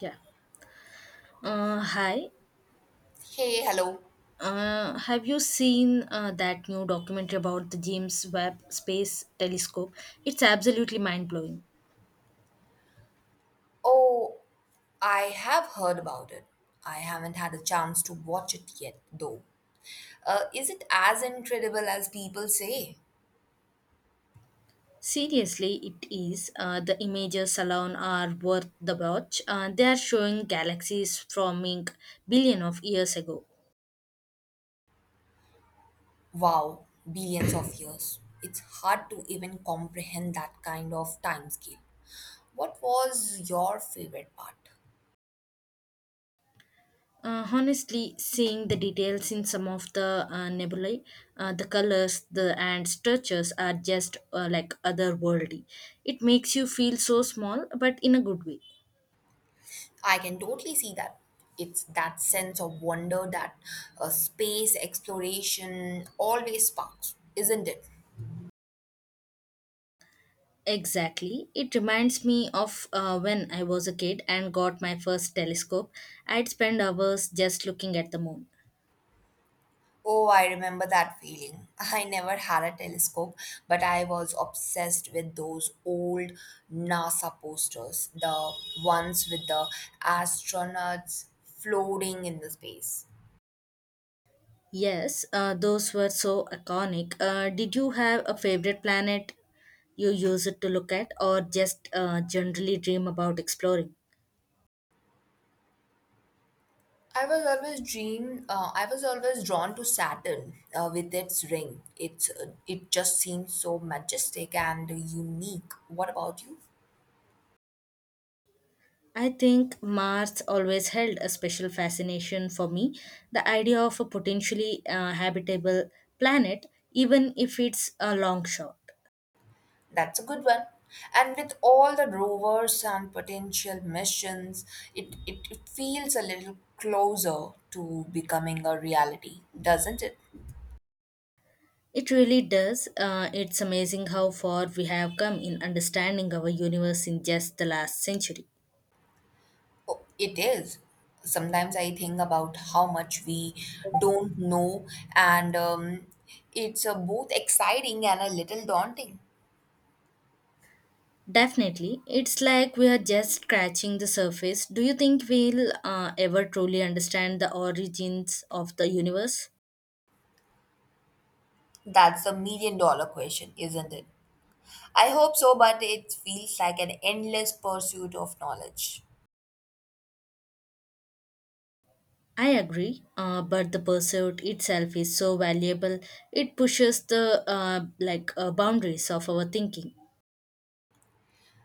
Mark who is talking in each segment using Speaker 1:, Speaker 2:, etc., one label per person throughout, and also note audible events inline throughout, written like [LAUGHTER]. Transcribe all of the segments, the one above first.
Speaker 1: Yeah. Hi.
Speaker 2: Hey, hello.
Speaker 1: Have you seen that new documentary about the James Webb Space Telescope? It's absolutely mind blowing.
Speaker 2: Oh, I have heard about it. I haven't had a chance to watch it yet, though. Is it as incredible as people say?
Speaker 1: Seriously, it is. The images alone are worth the watch. They are showing galaxies from ink billion of years ago.
Speaker 2: Wow, billions of years. It's hard to even comprehend that kind of timescale. What was your favorite part?
Speaker 1: Honestly, seeing the details in some of the nebulae, the colors, the and structures are just like otherworldly. It makes you feel so small, but in a good way.
Speaker 2: I can totally see that. It's that sense of wonder that space exploration always sparks, isn't it?
Speaker 1: Exactly. It reminds me of when I was a kid and got my first telescope. I'd spend hours just looking at the moon.
Speaker 2: Oh, I remember that feeling. [LAUGHS] I never had a telescope, but I was obsessed with those old NASA posters, the ones with the astronauts floating in the space.
Speaker 1: Yes, those were so iconic. Did you have a favorite planet you use it to look at, or just generally dream about exploring?
Speaker 2: I was always dream. I was always drawn to Saturn with its ring. It just seems so majestic and unique. What about you?
Speaker 1: I think Mars always held a special fascination for me. The idea of a potentially habitable planet, even if it's a long shot.
Speaker 2: That's a good one. And with all the rovers and potential missions, it feels a little closer to becoming a reality, doesn't it?
Speaker 1: It really does. It's amazing how far we have come in understanding our universe in just the last century.
Speaker 2: Oh, it is. Sometimes I think about how much we don't know, and it's both exciting and a little daunting.
Speaker 1: Definitely, it's like we are just scratching the surface. Do you think we'll ever truly understand the origins of the universe?
Speaker 2: That's a million dollar question, isn't it? I hope so, but it feels like an endless pursuit of knowledge.
Speaker 1: I agree, but the pursuit itself is so valuable. It pushes the boundaries of our thinking.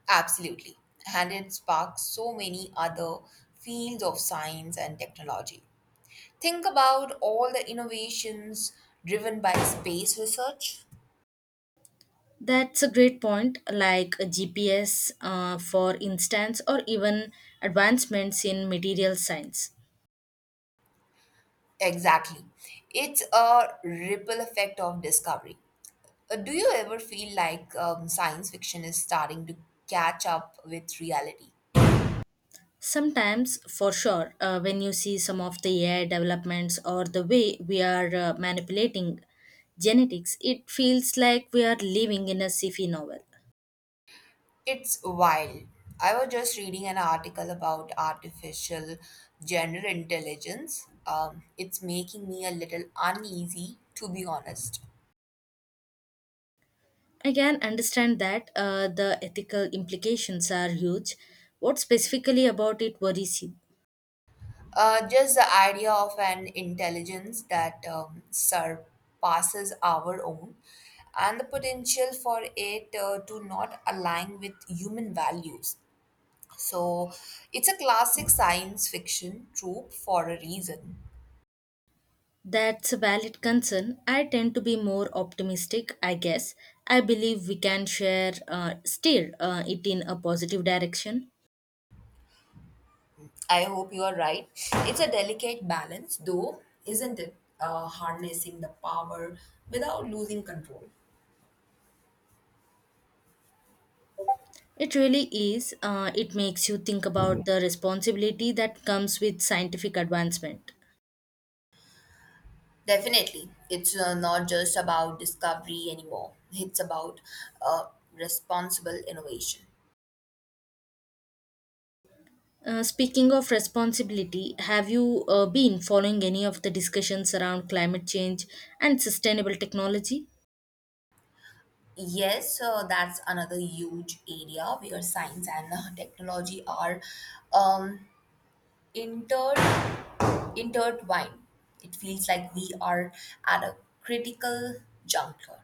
Speaker 2: Absolutely. And it sparks so many other fields of science and technology. Think about all the innovations driven by space research.
Speaker 1: That's a great point, like a GPS, for instance, or even advancements in material science.
Speaker 2: Exactly. It's a ripple effect of discovery. Do you ever feel like science fiction is starting to catch up with reality?
Speaker 1: Sometimes, for sure, when you see some of the AI developments or the way we are manipulating genetics, it feels like we are living in a sci-fi novel.
Speaker 2: It's wild. I was just reading an article about artificial general intelligence. It's making me a little uneasy, to be honest.
Speaker 1: I can understand that the ethical implications are huge. What specifically about it worries you?
Speaker 2: Just the idea of an intelligence that surpasses our own and the potential for it to not align with human values. So it's a classic science fiction trope for a reason.
Speaker 1: That's a valid concern. I tend to be more optimistic, I guess. I believe we can share, steer it in a positive direction.
Speaker 2: I hope you are right. It's a delicate balance, though, isn't it? Harnessing the power without losing control.
Speaker 1: It really is. It makes you think about the responsibility that comes with scientific advancement.
Speaker 2: Definitely. It's not just about discovery anymore, it's about uh, responsible innovation.
Speaker 1: Speaking of responsibility, have you been following any of the discussions around climate change and sustainable technology?
Speaker 2: Yes, that's another huge area where science and technology are um, inter- intertwined. It feels like we are at a critical juncture.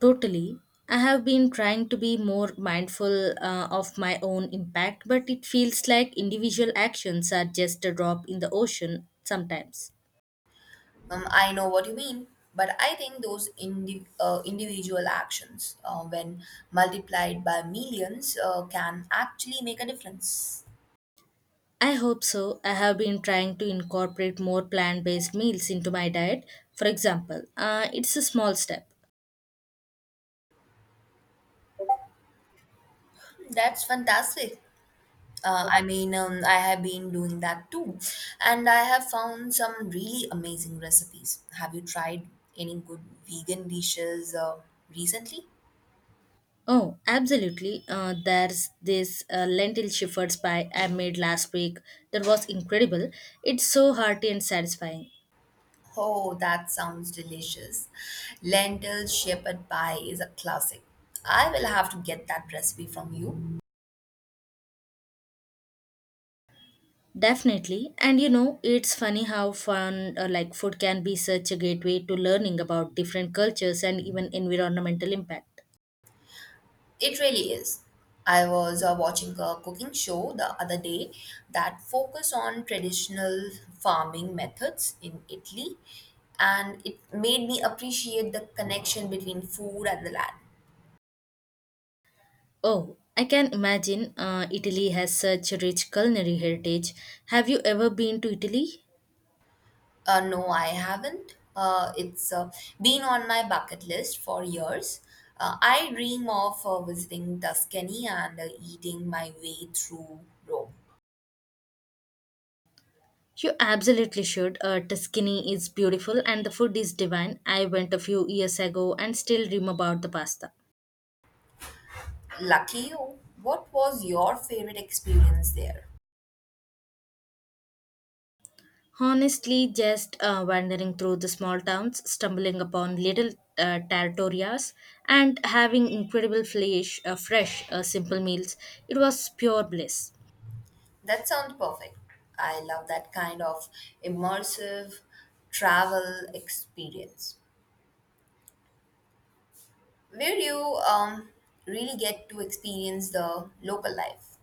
Speaker 1: Totally. I have been trying to be more mindful of my own impact, but it feels like individual actions are just a drop in the ocean sometimes.
Speaker 2: I know what you mean, but I think those individual actions, when multiplied by millions, can actually make a difference.
Speaker 1: I hope so. I have been trying to incorporate more plant based meals into my diet, for example. It's a small step.
Speaker 2: That's fantastic. I mean, I have been doing that too, and I have found some really amazing recipes. Have you tried any good vegan dishes recently?
Speaker 1: Oh, absolutely. There's this lentil shepherd's pie I made last week that was incredible. It's so hearty and satisfying.
Speaker 2: Oh, that sounds delicious. Lentil shepherd pie is a classic. I will have to get that recipe from you.
Speaker 1: Definitely. And you know, it's funny how fun like food can be such a gateway to learning about different cultures and even environmental impact.
Speaker 2: It really is. I was watching a cooking show the other day that focused on traditional farming methods in Italy, and it made me appreciate the connection between food and the land.
Speaker 1: Oh, I can imagine Italy has such a rich culinary heritage. Have you ever been to Italy?
Speaker 2: No, I haven't. It's been on my bucket list for years. I dream of visiting Tuscany and eating my way through Rome.
Speaker 1: You absolutely should. Tuscany is beautiful and the food is divine. I went a few years ago and still dream about the pasta.
Speaker 2: Lucky you. What was your favorite experience there?
Speaker 1: Honestly, just wandering through the small towns, stumbling upon little territorias, and having incredible flesh, fresh, simple meals. It was pure bliss.
Speaker 2: That sounds perfect. I love that kind of immersive travel experience where you um, really get to experience the local life.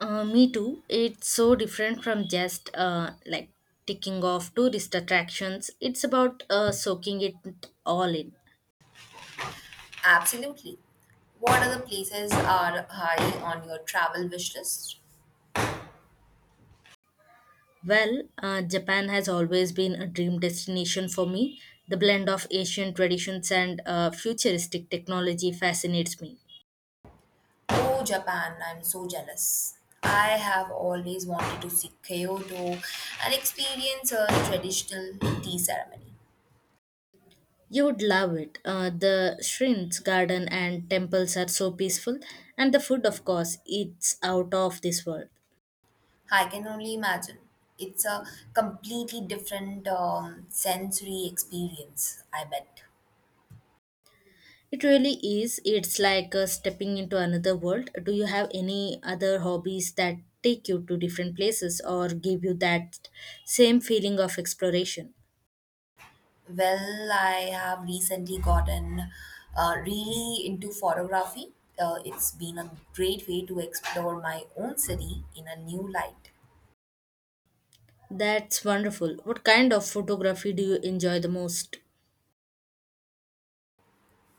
Speaker 1: Me too. It's so different from just ticking off tourist attractions. It's about soaking it all in.
Speaker 2: Absolutely. What other places are high on your travel wish list?
Speaker 1: Well, Japan has always been a dream destination for me. The blend of Asian traditions and futuristic technology fascinates me.
Speaker 2: Oh, Japan, I'm so jealous. I have always wanted to see Kyoto and experience a traditional tea ceremony.
Speaker 1: You'd love it. The shrimp's garden and temples are so peaceful, and the food, of course, it's out of this world.
Speaker 2: I can only imagine. It's a completely different sensory experience, I bet.
Speaker 1: It really is. It's like stepping into another world. Do you have any other hobbies that take you to different places or give you that same feeling of exploration?
Speaker 2: Well, I have recently gotten really into photography. It's been a great way to explore my own city in a new light.
Speaker 1: That's wonderful. What kind of photography do you enjoy the most?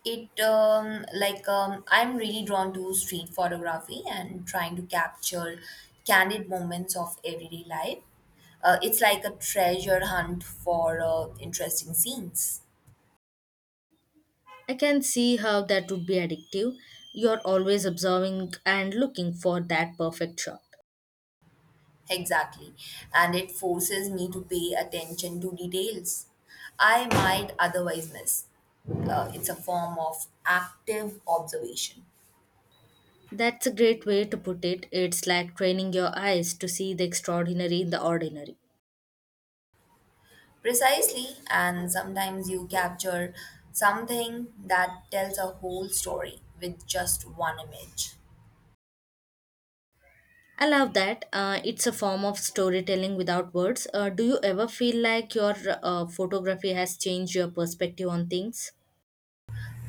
Speaker 2: It like I'm really drawn to street photography and trying to capture candid moments of everyday life. It's like a treasure hunt for interesting scenes.
Speaker 1: I can see how that would be addictive. You're always observing and looking for that perfect shot.
Speaker 2: Exactly. And it forces me to pay attention to details I might otherwise miss. It's a form of active observation.
Speaker 1: That's a great way to put it. It's like training your eyes to see the extraordinary in the ordinary.
Speaker 2: Precisely, and sometimes you capture something that tells a whole story with just one image.
Speaker 1: I love that. It's a form of storytelling without words. Do you ever feel like your photography has changed your perspective on things?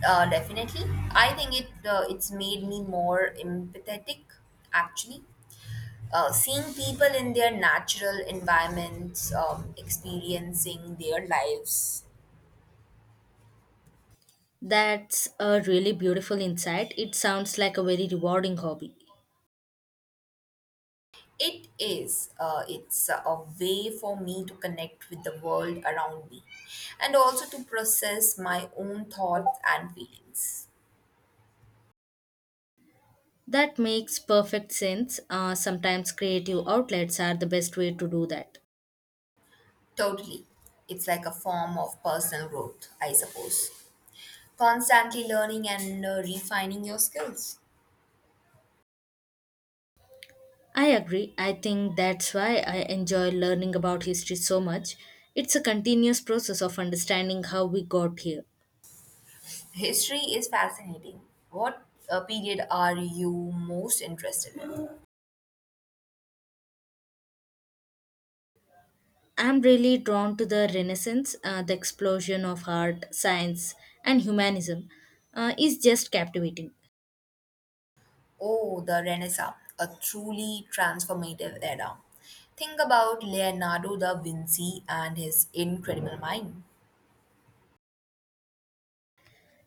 Speaker 2: Definitely. I think it's made me more empathetic, actually. Seeing people in their natural environments, experiencing their lives,
Speaker 1: That's a really beautiful insight. It sounds like a very rewarding hobby.
Speaker 2: it's a way for me to connect with the world around me, and also to process my own thoughts and feelings.
Speaker 1: That makes perfect sense. Sometimes creative outlets are the best way to do that.
Speaker 2: Totally, it's like a form of personal growth, I suppose. Constantly learning and refining your skills.
Speaker 1: I agree. I think that's why I enjoy learning about history so much. It's a continuous process of understanding how we got here.
Speaker 2: History is fascinating. What period are you most interested in?
Speaker 1: I'm really drawn to the Renaissance, the explosion of art, science, and humanism is just captivating.
Speaker 2: Oh, the Renaissance, a truly transformative era. Think about Leonardo da Vinci and his incredible mind.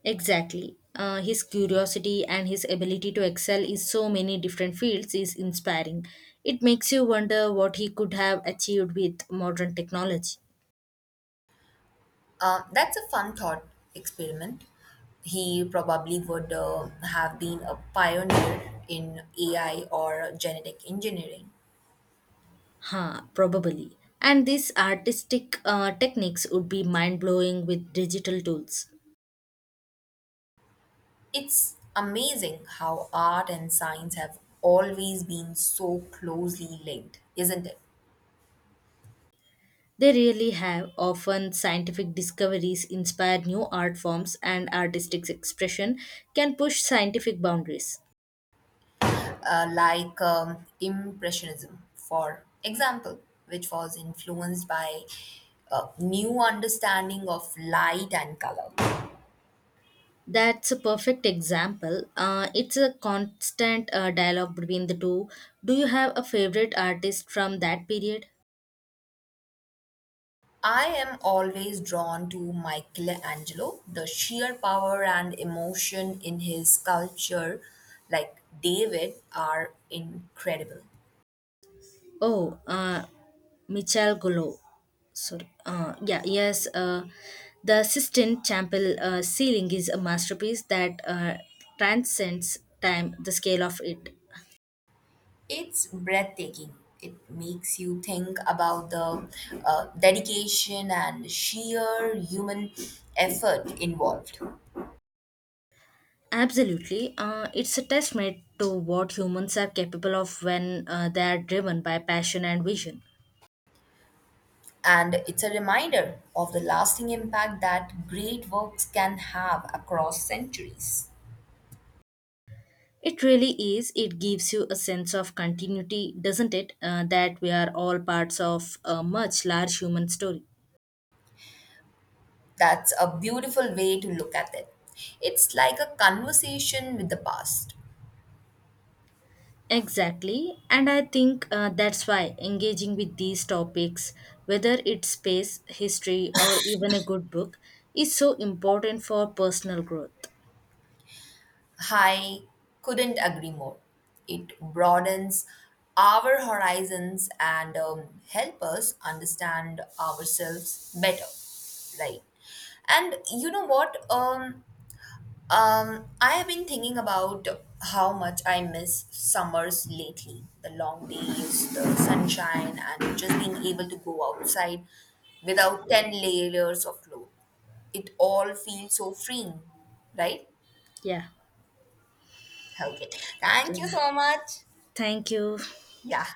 Speaker 1: Exactly. His curiosity and his ability to excel in so many different fields is inspiring. It makes you wonder what he could have achieved with modern technology.
Speaker 2: That's a fun thought experiment. He probably would have been a pioneer in AI or genetic engineering.
Speaker 1: Ha, probably. And these artistic techniques would be mind blowing with digital tools.
Speaker 2: It's amazing how art and science have always been so closely linked, isn't it?
Speaker 1: They really have. Often, scientific discoveries inspire new art forms, and artistic expression can push scientific boundaries.
Speaker 2: Impressionism, for example, which was influenced by a new understanding of light and color.
Speaker 1: That's a perfect example. It's a constant dialogue between the two. Do you have a favorite artist from that period?
Speaker 2: I am always drawn to Michelangelo, the sheer power and emotion in his sculpture, like David, are incredible.
Speaker 1: Oh, Michelangelo. Sorry. Yeah, yes. The Sistine Chapel ceiling is a masterpiece that transcends time, the scale of it.
Speaker 2: It's breathtaking. It makes you think about the dedication and sheer human effort involved.
Speaker 1: Absolutely. It's a testament to what humans are capable of when they are driven by passion and vision.
Speaker 2: And it's a reminder of the lasting impact that great works can have across centuries.
Speaker 1: It really is. It gives you a sense of continuity, doesn't it? That we are all parts of a much large human story.
Speaker 2: That's a beautiful way to look at it. It's like a conversation with the past.
Speaker 1: Exactly, and I think that's why engaging with these topics, whether it's space, history, or even a good book, is so important for personal growth.
Speaker 2: I couldn't agree more. It broadens our horizons and help us understand ourselves better, right? And you know what? I have been thinking about how much I miss summers lately. The long days, the sunshine, and just being able to go outside without 10 layers of clothes. It all feels so freeing, right?
Speaker 1: Yeah,
Speaker 2: Okay. Thank you so much.
Speaker 1: thank you.
Speaker 2: Yeah.